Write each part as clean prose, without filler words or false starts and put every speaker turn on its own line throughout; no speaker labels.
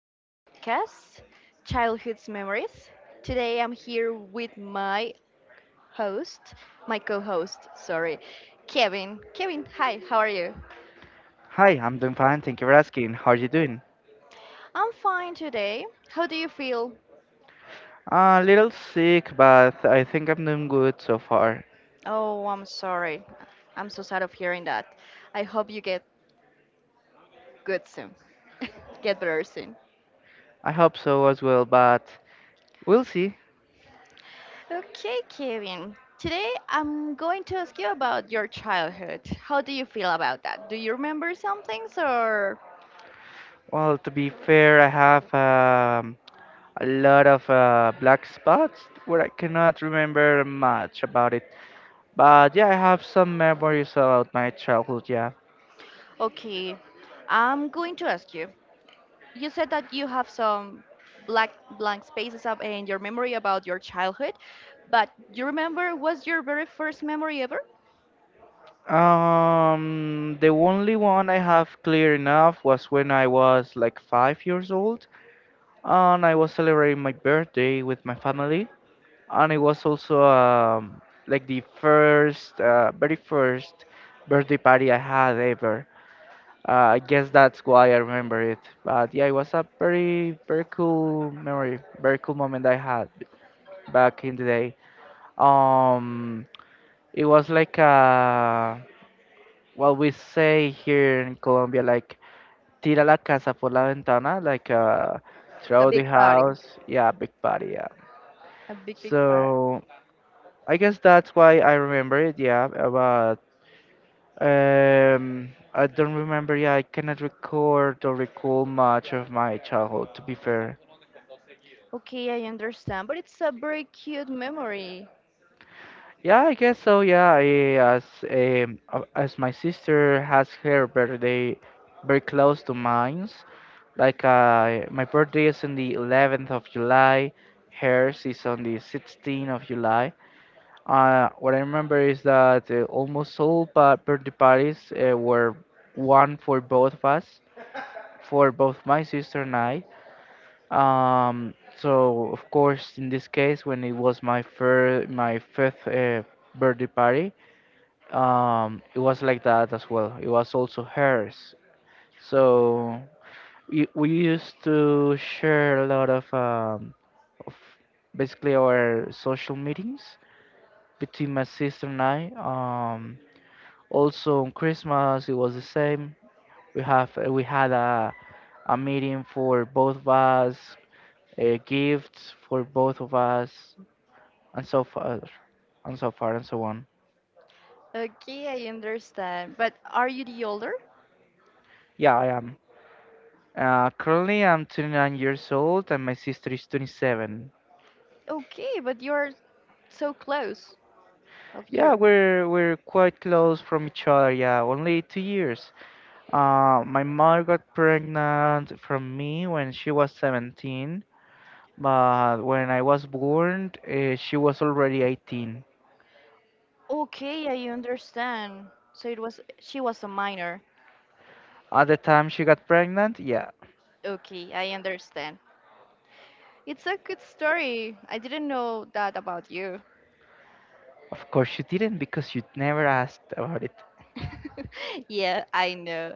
this podcast, Childhood's Memories. Today I'm here with my host, my co host, sorry, Kevin. Kevin, hi, how are you?
Hi, I'm doing fine. Thank you for asking. How are you doing?
I'm fine today. How do you feel?
A little sick, but I think I'm doing good so far.
Oh, I'm sorry. I'm so sad of hearing that. I hope you get good soon, get better soon.
I hope so as well, but we'll see.
Okay, Kevin. Today I'm going to ask you about your childhood. How do you feel about that? Do you remember some things or
Well, to be fair, I have a lot of black spots where I cannot remember much about it. But yeah, I have some memories about my childhood, yeah.
Okay, I'm going to ask you. You said that you have some black blank spaces up in your memory about your childhood, but do you remember what's your very first memory ever?
The only one I have clear enough was when I was like 5 years old, and I was celebrating my birthday with my family, and it was also like the first, very first birthday party I had ever. I guess that's why I remember it. But yeah, it was a very, very cool memory, very cool moment I had back in the day. Um, it was like what we say here in Colombia, like tira la casa por la ventana, like
A
throw the
big party.
house. Yeah, big party. Yeah.
A big, big part.
So I guess that's why I remember it, yeah, but I don't remember, yeah, I cannot record or recall much of my childhood, to be fair.
Okay, I understand, but it's a very cute memory.
Yeah, I guess so, yeah, as, as my sister has her birthday very close to mine's, like my birthday is on the 11th of July, hers is on the 16th of July. What I remember is that almost birthday parties were one for both of us, for both my sister and I. So of course, in this case, when it was my fifth birthday party, it was like that as well. It was also hers. So we used to share a lot of, of basically our social meetings between my sister and I. Also on Christmas it was the same. We have we had a meeting for both of us, gifts for both of us, and so far and so far and so on.
Okay, I understand. But are you the older?
Yeah, I am. Currently I'm 29 years old and my sister is 27.
Okay, but you're so close of
Yeah,
year.
we're quite close from each other. Yeah, only 2 years. My mother got pregnant from me when she was 17, but when I was born, she was already 18.
Okay, I understand. So it was she was a minor.
At the time she got pregnant, yeah,
Okay, I understand. It's a good story. I didn't know that about you.
of course you didn't because you never asked about it.
Yeah, I know.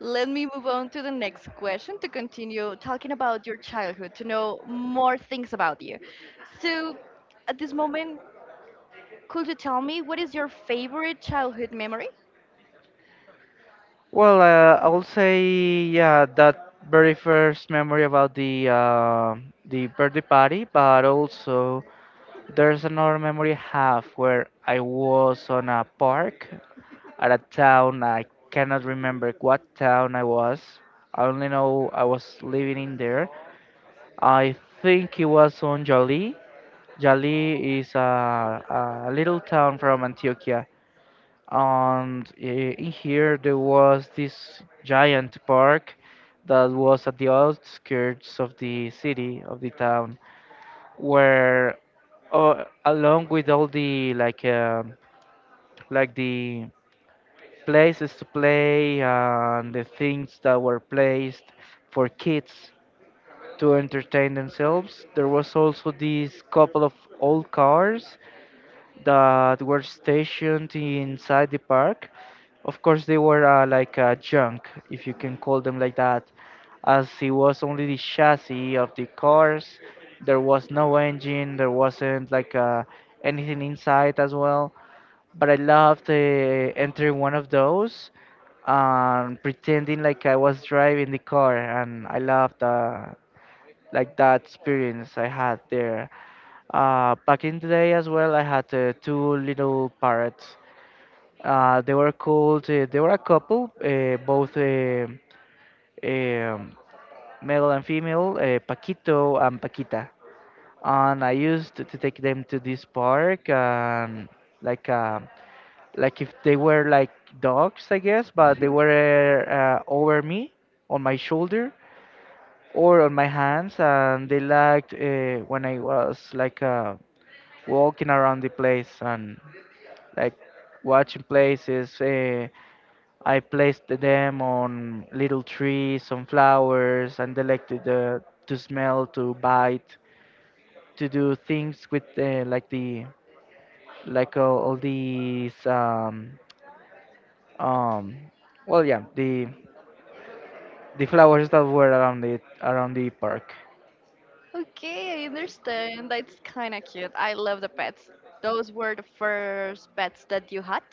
Let me move on to the next question to continue talking about your childhood, to know more things about you. So, at this moment, could you tell me what is your favorite childhood memory?
Well, I'll say yeah, that very first memory about the birthday party, but also there's another memory I have where I was on a park at a town I cannot remember what town I was. I only know I was living in there. I think it was on Jali. Jali is a little town from Antioquia, and in here there was this giant park that was at the outskirts of the city of the town, where along with all the like the places to play and the things that were placed for kids to entertain themselves. There was also these couple of old cars that were stationed inside the park. Of course, they were junk, if you can call them like that, as it was only the chassis of the cars. There was no engine. There wasn't anything inside as well. But I loved entering one of those and pretending like I was driving the car, and I loved like that experience I had there. Back in the day as well, I had two little parrots. They were a couple, both um male and female, Paquito and Paquita. And I used to take them to this park, and like uh, like if they were like dogs, I guess, but they were over me on my shoulder, or on my hands, and they liked when I was walking around the place and like watching places. I placed them on little trees, on flowers, and they liked to smell, to bite, to do things with like the like all these um well yeah the the flowers that were around it around the park.
Okay, I understand. That's kind of cute. I love the pets. Those were the first pets that you had?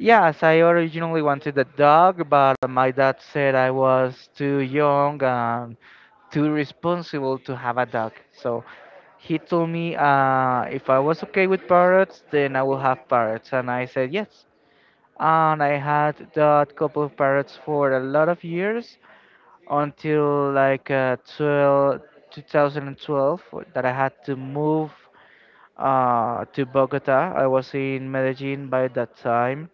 Yes, I originally wanted a dog, but my dad said I was too young and too responsible to have a dog. So he told me if I was okay with parrots, then I will have parrots. And I said yes. And I had that couple of parrots for a lot of years until 2012, that I had to move to Bogota. I was in Medellin by that time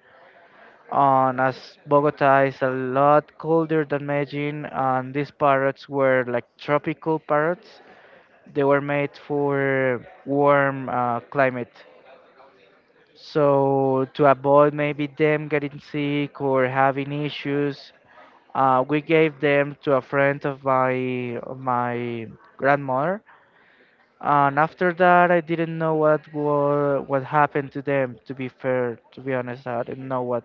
on, as Bogota is a lot colder than Medellin and these parrots were like tropical parrots. They were made for warm climate. So to avoid maybe them getting sick or having issues, we gave them to a friend of my grandmother. And after that, I didn't know what happened to them. To be fair, to be honest, I didn't know what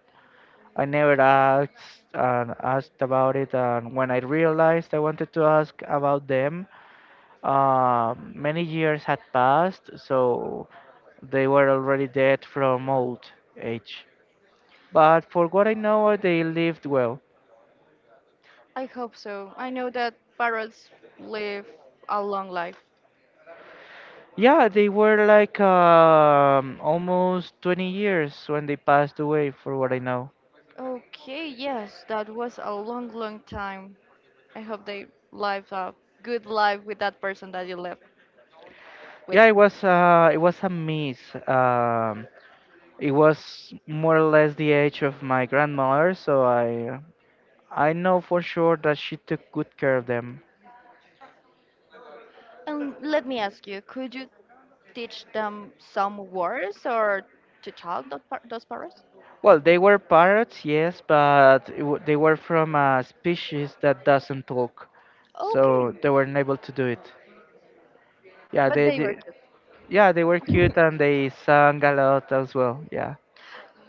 I never asked about it, and when I realized I wanted to ask about them, many years had passed, so they were already dead from old age. But for what I know, they lived well.
I hope so. I know that parrots live a long life.
Yeah, they were like almost 20 years when they passed away, for what I know.
Okay, yes, that was a long, long time. I hope they lived a good life with that person that you left with.
Yeah, it was a miss. Um, it was more or less the age of my grandmother, so I know for sure that she took good care of them.
And let me ask you, could you teach them some words or to talk those parrots?
Well, they were parrots, yes, but they were from a species that doesn't talk, so
Okay,
they weren't able to do it. Yeah,
but they were
they
cute.
yeah, they were cute and they sang a lot as well. Yeah,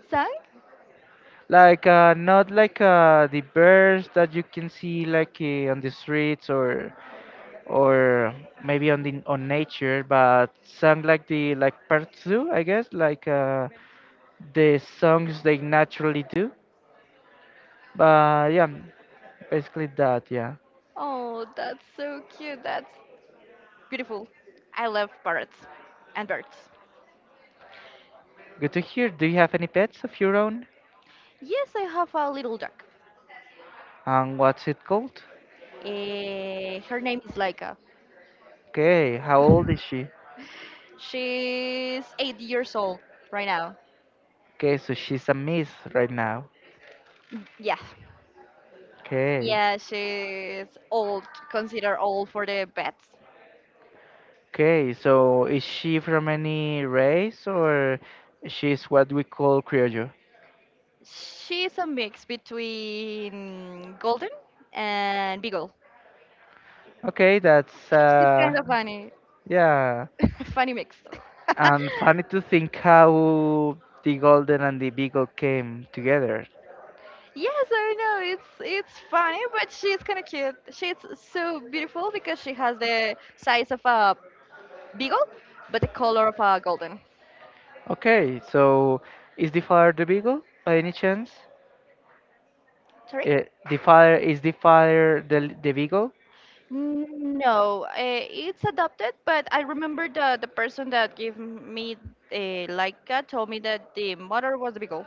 Sang?
like not like the birds that you can see like on the streets or maybe on the on nature, but sang like the like parrots do, I guess, like the songs they naturally do. But yeah, basically that, yeah.
Oh, that's so cute. That's beautiful. I love parrots and birds.
Good to hear. Do you have any pets of your own?
Yes, I have a little dog.
And what's it called?
Her name is Laika.
Okay, how old is she?
She's 8 years old right now.
Okay, so she's a miss right now.
Yeah,
Okay.
yeah, she's old, considered old for the pets.
Okay, so is she from any race or she's what we call Criollo?
She's a mix between golden and beagle.
Okay, that's
She's kind of funny,
yeah.
funny mix.
And funny to think how the golden and the beagle came together.
Yes, I know it's funny, but she's kind of cute. She's so beautiful because she has the size of a beagle, but the color of a golden.
Okay, so is the father the beagle by any chance?
Sorry?
Eh, the father is the father the beagle?
Mm, no, it's adopted, but I remember the person that gave me Laika told me that the mother was the beagle.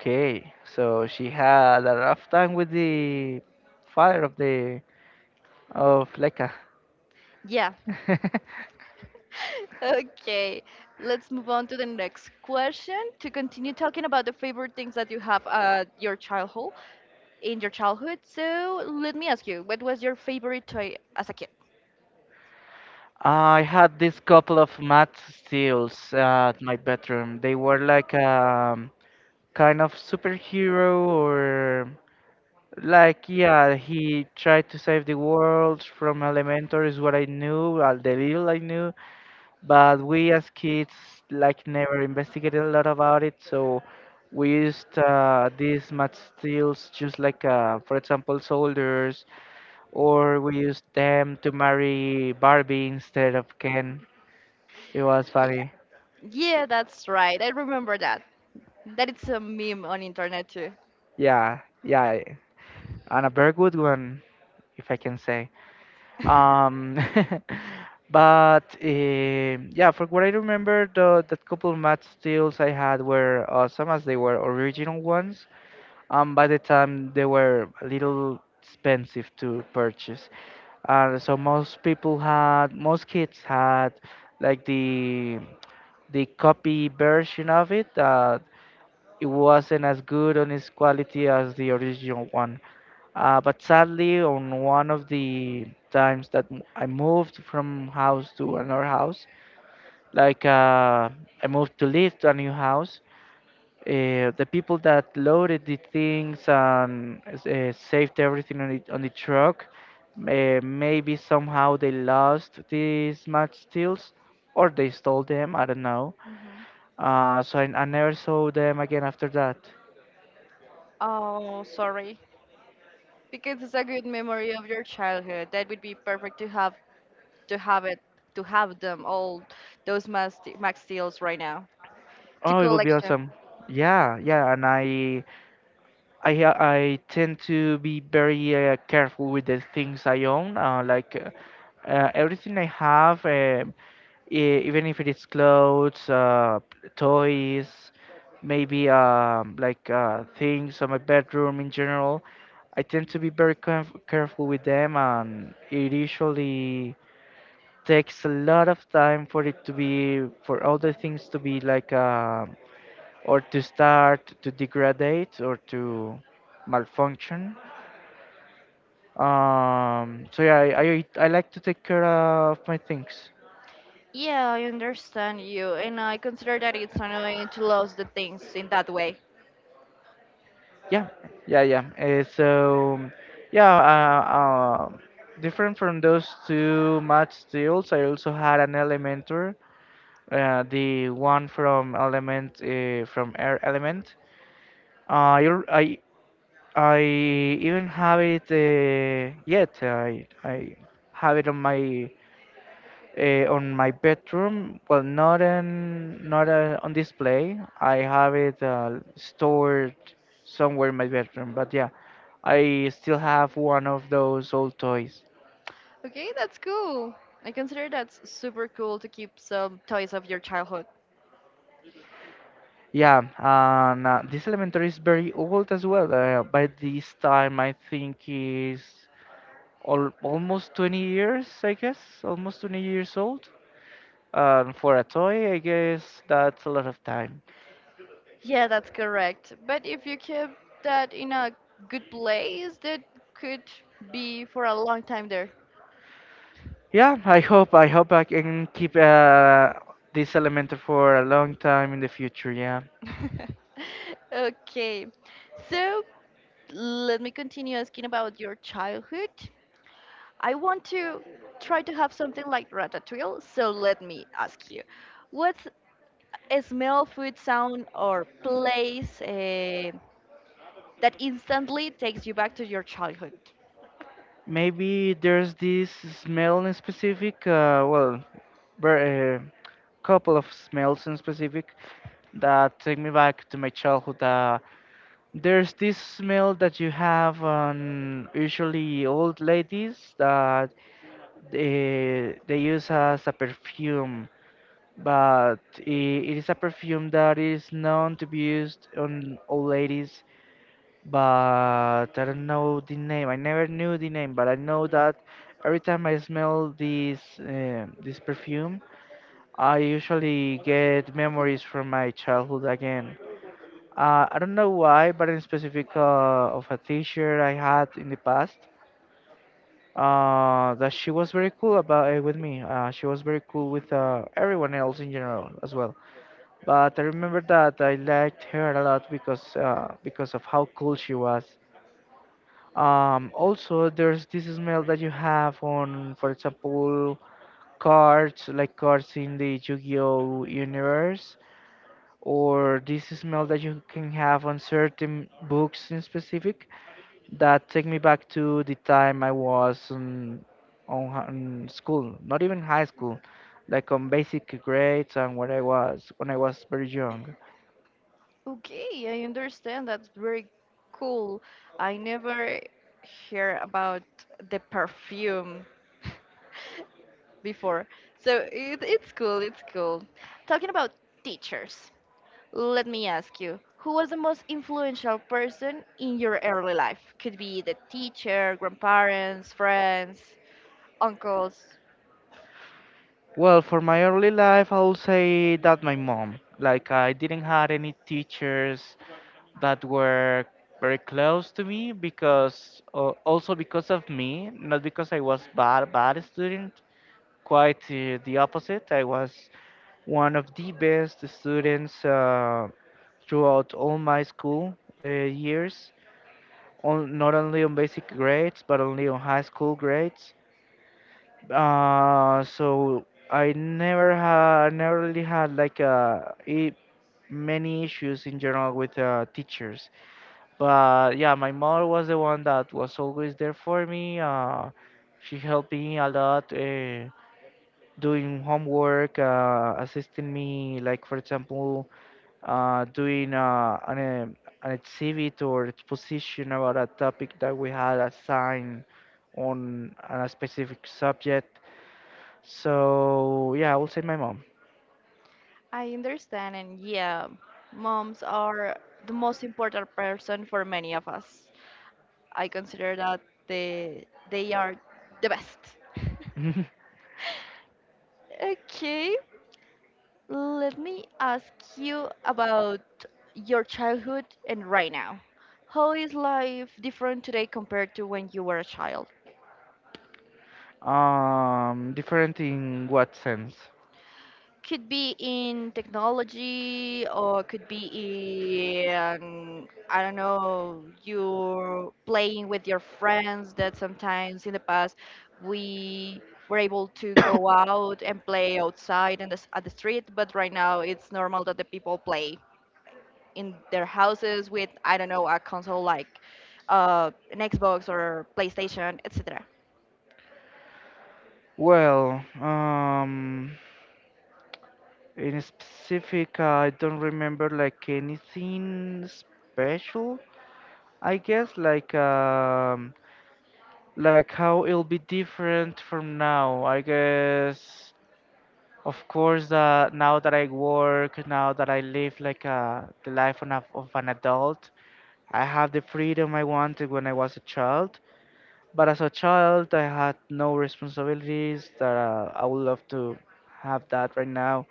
Okay, so she had a rough time with the father of the of Leka.
Yeah. Okay, let's move on to the next question to continue talking about the favorite things that you have at your childhood, in your childhood. So let me ask you, what was your favorite toy as a kid?
I had this couple of matte steels at my bedroom. They were like kind of superhero or like yeah, he tried to save the world from Elementor is what I knew, the little I knew. But we as kids like never investigated a lot about it, so we used these materials just like for example soldiers, or we used them to marry Barbie instead of Ken. It was
Yeah.
funny.
Yeah, that's right. I remember that. That it's a meme on internet too.
Yeah, yeah, and a very good one, if I can say. um but yeah, for what I remember, the that couple of math steals I had were awesome, as they were original ones. By the time they were a little expensive to purchase, and so most kids had, like the copy version of it. That it wasn't as good on its quality as the original one. But sadly, on one of the times that I moved from house to another house, like I moved to live to a new house, the people that loaded the things and saved everything on on the truck, maybe somehow they lost these match steels or they stole them, I don't know.
Mhm.
So I never saw them again after that.
Oh, sorry. Because it's a good memory of your childhood. That would be perfect to have it to have them all those max max deals right now to
Oh, it would be
collection.
awesome. Yeah, yeah, and I tend to be very careful with the things I own, everything I have, even if it is clothes, toys, maybe things on my bedroom in general. I tend to be very careful with them, and it usually takes a lot of time for it to be, for all the things to be like or to start to degrade or to malfunction. So yeah, I like to take care of my things.
Yeah, I understand you, and I consider that it's annoying to lose the things in that way.
Yeah, yeah, yeah. Yeah, uh, uh, Different from those two math deals, I also had an Elementor, the one from Element from Air Element. I al- I even have it yet. I have it on my bedroom, well, not on display. I have it stored somewhere in my bedroom. But yeah, I still have one of those old toys.
Okay, that's cool. I consider that's super cool to keep some toys of your childhood.
Yeah, and this elementary is very old as well. By this time, I think is al almost 20 years, I guess, almost 20 years old. And for a toy, I guess that's a lot of time.
Yeah, that's correct. But if you keep that in a good place, that could be for a long time there.
Yeah, I hope I can keep this element for a long time in the future. Yeah,
Okay, so let me continue asking about your childhood. I want to try to have something like ratatouille, so let me ask you, what's a smell, food, sound, or place? That instantly takes you back to your childhood.
maybe there's this smell in specific. Well, a uh, couple of smells in specific that take me back to my childhood. There's this smell that you have on usually old ladies that they use as a perfume. But it is a perfume that is known to be used on old ladies, but I don't know the name. I never knew the name, but I know that every time I smell this this perfume, I usually get memories from my childhood again. I don't know why, but in specific of a teacher I had in the past, that she was very cool about it with me. She was very cool with everyone else in general as well. But I remember that I liked her a lot because because of how cool she was. Also, there's this smell that you have on, for example, cards like cards in the Yu-Gi-Oh universe, or this smell that you can have on certain books in specific that take me back to the time I was on school, not even high school, like on basic grades and when I was very young.
Okay, I understand. That's very cool. I never hear about the perfume before. So it's cool, it's cool. Talking about teachers, let me ask you, who was the most influential person in your early life? Could be the teacher, grandparents, friends, uncles.
Well, for my early life, I'll say that my mom. Like, I didn't have any teachers that were very close to me because, also because of me, not because I was bad student. Quite the opposite. I was one of the best students throughout all my school uh, years. On, not only on basic grades, but only on high school grades. So I never really had like I many issues in general with teachers. But yeah, my mother was the one that was always there for me. She helped me a lot, doing homework, assisting me, like for example, doing an exhibit or exposition about a topic that we had assigned on a specific subject. So yeah, I will say my mom.
I understand, and yeah, moms are the most important person for many of us. I consider that they are the best. Okay, let me ask you about your childhood and right now. How is life different today compared to when you were a child?
Um, different in what sense?
Could be in technology or could be in, I don't know, you're playing with your friends that sometimes in the past we were able to go out and play outside and the, at the street, but right now it's normal that the people play in their houses with, I don't know, a console like an Xbox or PlayStation, etc.
Well, in specific, I don't remember like anything special. I guess like how it'll be different from now. I guess, of course, now that I work, now that I live like the life of, of an adult, I have the freedom I wanted when I was a child. But as a child, I had no responsibilities that I would love to have that right now.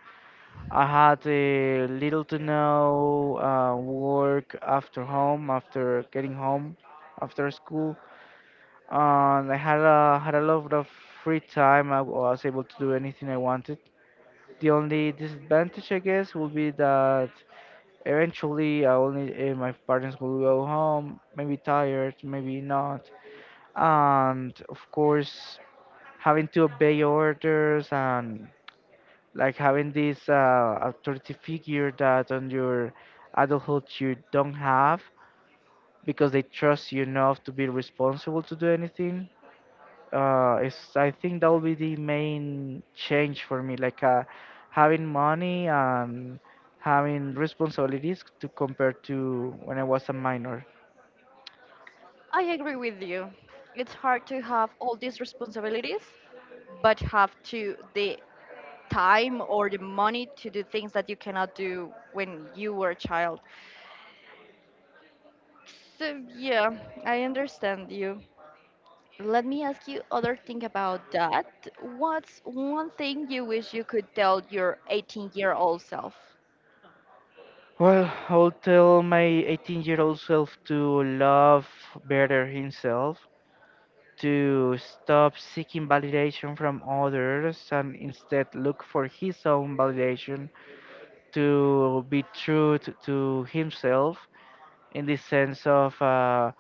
I had little to no work after home, after getting home, after school, and I had a lot of free time. I was able to do anything I wanted. The only disadvantage, I guess, would be that eventually I only my parents will go home, maybe tired, maybe not, and of course having to obey orders and like having this authority figure that on your adulthood you don't have because they trust you enough to be responsible to do anything. I think that will be the main change for me, like having money and having responsibilities to compare to when I was a minor.
I agree with you. It's hard to have all these responsibilities, but have to the time or the money to do things that you cannot do when you were a child. So yeah, I understand you. Let me ask you other thing about that. What's one thing you wish you could tell your 18-year-old self?
Well, I will tell my 18-year-old self to love better himself, to stop seeking validation from others and instead look for his own validation, to be to himself in the sense of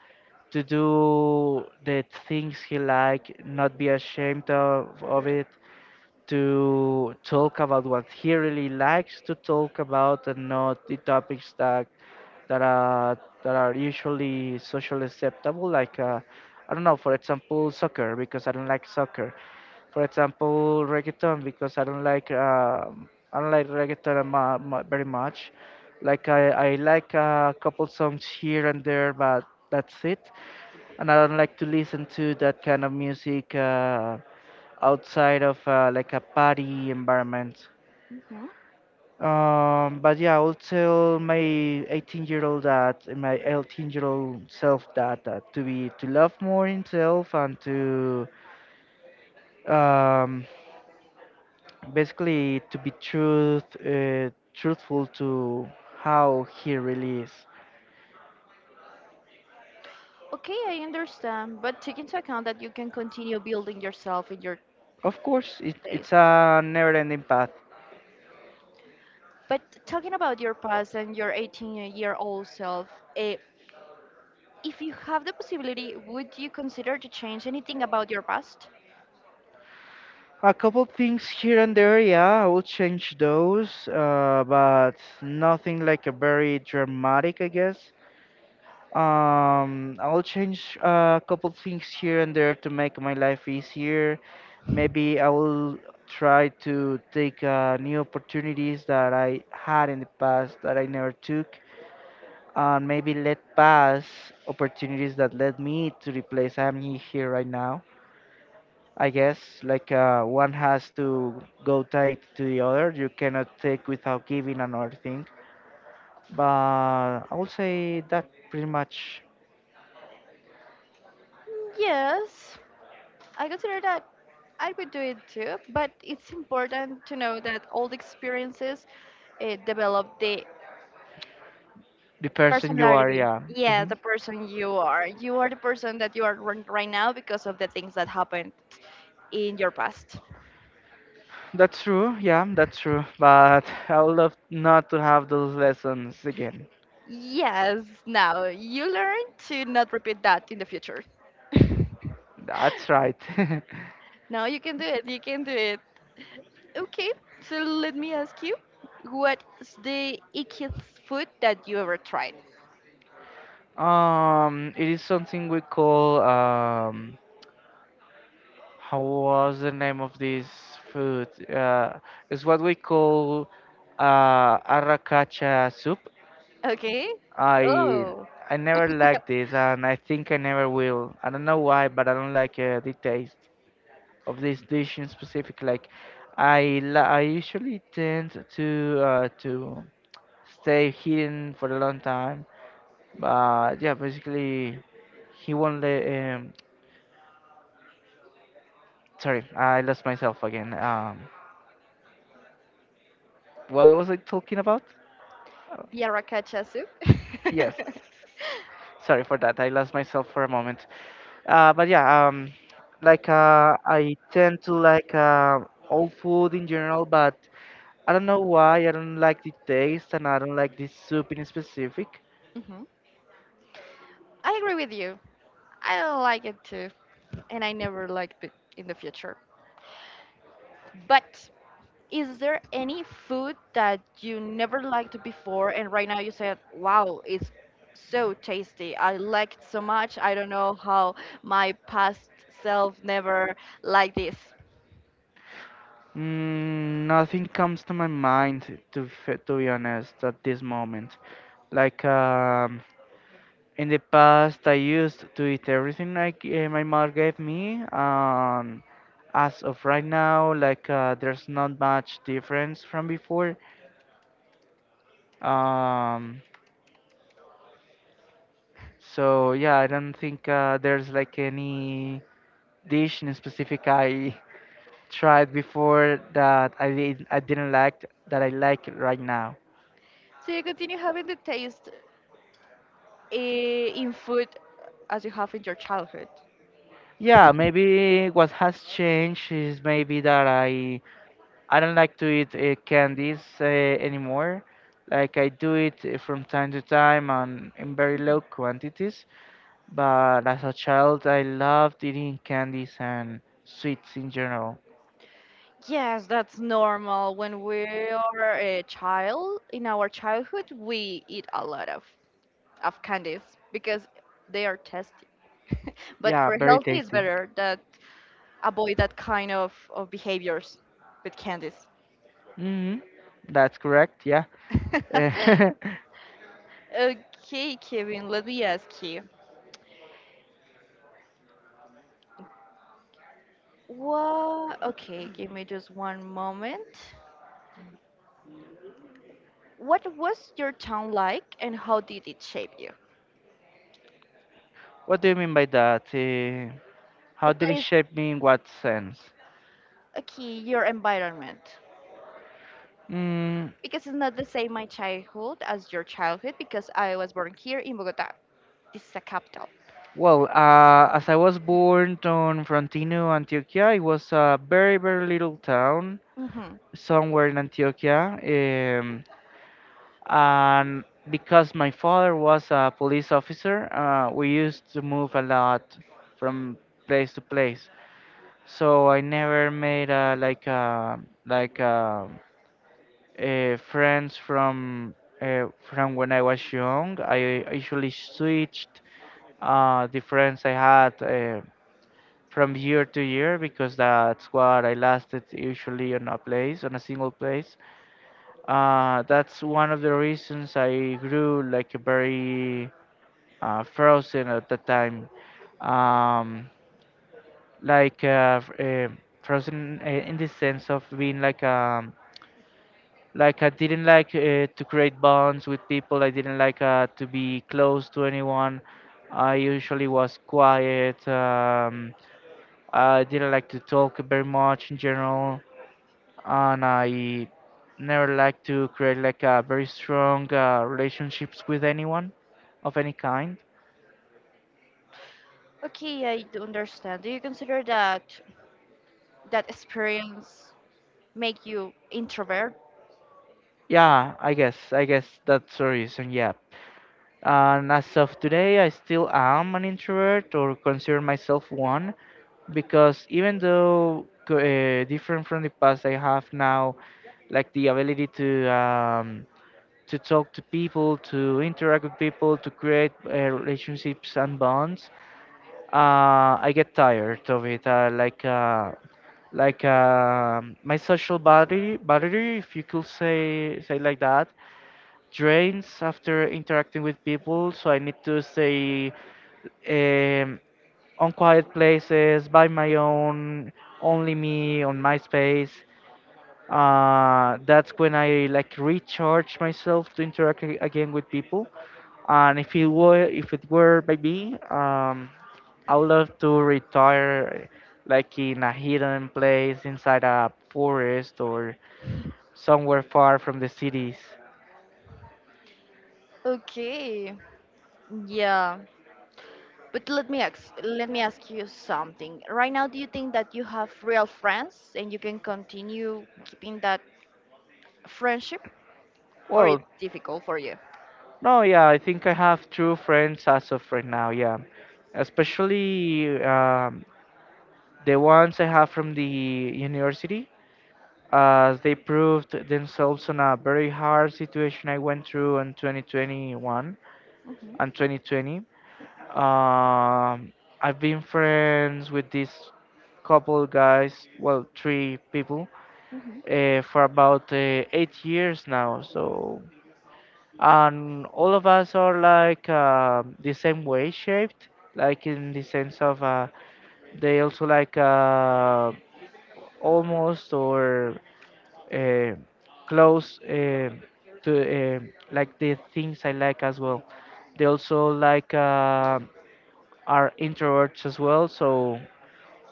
to do the things he like, not be ashamed of it, to talk about what he really likes to talk about and not the topics that that are that are usually socially acceptable like I don't know, for example, soccer because I don't like soccer, for example, reggaeton because I don't like reggaeton very much. Like I like a couple songs here and there, but that's it, and I don't like to listen to that kind of music outside of like a party environment.
Hmm.
But yeah, I would tell my 18 year old that my 18-year-old self that to be to love more himself and to um, basically to be truthful to how he really is.
Okay, I understand, but take into account that you can continue building yourself in your
Of course,
days.
it's a never ending path.
But talking about your past and your 18-year-old self, eh, if you have the possibility, would you consider to change anything about your past?
A couple things here and there, yeah, I will change those, but nothing like a very dramatic, I guess. I'll change a couple things here and there to make my life easier. Maybe I will try to take new opportunities that I had in the past that I never took, and maybe let pass opportunities that led me to the place here right now. I guess like one has to go tight to the other. You cannot take without giving another thing. But I would say that pretty much
Yes, I consider that I would do it too, but it's important to know that all the experiences develop the
the person you are.
personality.
Yeah.
Yeah,
Hmm.
the person you are. You are the person that you are right now because of the things that happened in your past.
That's true. Yeah, that's true. But I would love not to have those lessons again.
Yes, now you learn to not repeat that in the future.
That's right.
No, you can do it. You can do it. Okay, so let me ask you, what's the ickiest food that you ever tried?
It is something we call how was the name of this food? It's what we call arracacha soup.
Okay.
I
Oh,
I never liked it, and I think I never will. I don't know why, but I don't like the taste of this dish in specific. Like I usually tend to stay hidden for a long time, but yeah, basically he won't let. Sorry, I lost myself again. What was I talking about?
the arracacha soup.
Yes. Sorry for that. I lost myself for a moment. But yeah, like I tend to like old food in general, but I don't know why. I don't like the taste, and I don't like this soup in specific.
Mhm. I agree with you. I don't like it too, and I never liked it in the future. But is there any food that you never liked before and right now you said, wow, it's so tasty. I like it so much. I don't know how my past self never liked this.
Mm, nothing comes to my mind, to to be honest, at this moment. Like. In the past, I used to eat everything like my mom gave me. As of right now, like there's not much difference from before. Um, so yeah, I don't think there's like any dish in specific I tried before that I didn't like that I like right now.
So you continue having the taste in food as you have in your childhood.
Yeah, maybe what has changed is maybe that I don't like to eat candies anymore. Like I do it from time to time and in very low quantities. But as a child, I loved eating candies and sweets in general.
Yes, that's normal. When we are a child, in our childhood, we eat a lot of candies because they are tasty. But
Yeah,
for
very
healthy, it's
tasty.
better that avoid that kind of behaviors with candies.
Hmm. That's correct. Yeah.
Okay, Kevin, let me ask you. What? Okay, give me just one moment. What was your town like and how did it shape you?
What do you mean by that?
The
How did it
place,
shape me in what sense?
okay, your environment.
Mm,
Because it's not the same my childhood as your childhood because I was born here in Bogota. This is a capital.
well, as I was born on Frontino, Antioquia, it was a very, very little town
Hmm.
somewhere in Antioquia. And because my father was a police officer, we used to move a lot from place to place. So I never made like uh, friends from when I was young. I usually switched the friends I had from year to year because that's what I lasted usually on a place, on a single place. That's one of the reasons I grew like very frozen at the time. Um, like uh, f- uh, frozen in the sense of being like I didn't like to create bonds with people. I didn't like to be close to anyone. I usually was quiet. I didn't like to talk very much in general. And I never like to create like a very strong relationships with anyone of any kind.
Okay, I do understand. Do you consider that that experience make you introvert?
Yeah, I guess that's the reason. Yeah. And as of today, I still am an introvert or consider myself one because even though different from the past, I have now like the ability to talk to people, to interact with people, to create relationships and bonds, I get tired of it. My social battery, if you could say say like that, drains after interacting with people. So I need to stay um, on quiet places, by my own, only me, on my space. That's when I like recharge myself to interact again with people. And if it were by me, I would love to retire like in a hidden place inside a forest or somewhere far from the cities.
Okay. Yeah. But let me ask you something. Right now do you think that you have real friends and you can continue keeping that friendship or
Well,
it's difficult for you?
no, yeah, I think I have true friends as of right now, yeah. Especially the ones I have from the university, as they proved themselves on a very hard situation I went through in 2021
Mhm,
and 2020. Um, I've been friends with this couple guys, well, three people,
mhm.
for about 8 years now. So, and all of us are like the same way shaped, like in the sense of they also like almost or uh, close to uh, like the things I like as well. They also like are introverts as well, so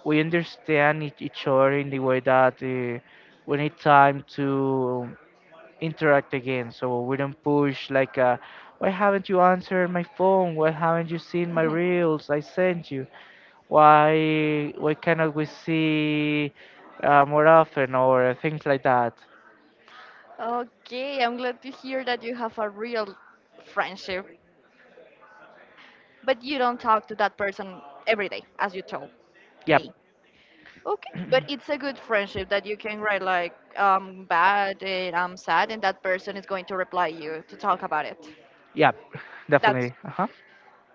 we understand each other in the way that we need time to interact again. So we don't push like, why haven't you answered my phone? Why haven't you seen my reels I sent you? Why cannot we see more often or things like that?
Okay, I'm glad to hear that you have a real friendship, but you don't talk to that person every day, as you told me.
Yep,
Okay, but it's a good friendship that you can write like bad and I'm sad, and that person is going to reply you to talk about it.
yep,
That's
definitely. Uh huh.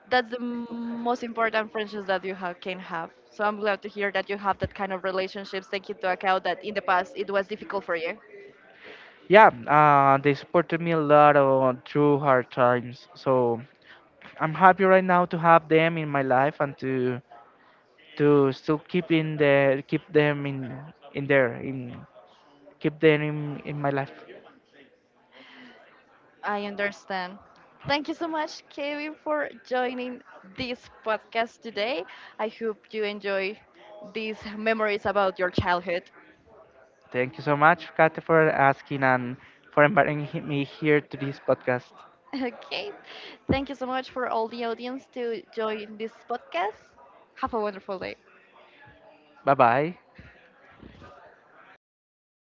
that's the most important friendships that you have, can have. So I'm glad to hear that you have that kind of relationships. Take into account that in the past it was difficult for you.
Yeah, they supported me a lot on through hard times. So I'm happy right now to have them in my life and to still keep in the keep them in there in keep them in my life.
I understand. Thank you so much, Kevin, for joining this podcast today. I hope you enjoy these memories about your childhood.
Thank you so much, Kate, for asking and for inviting me here to this podcast.
Okay. Thank you so much for all the audience to join this podcast. Have a wonderful day.
Bye bye.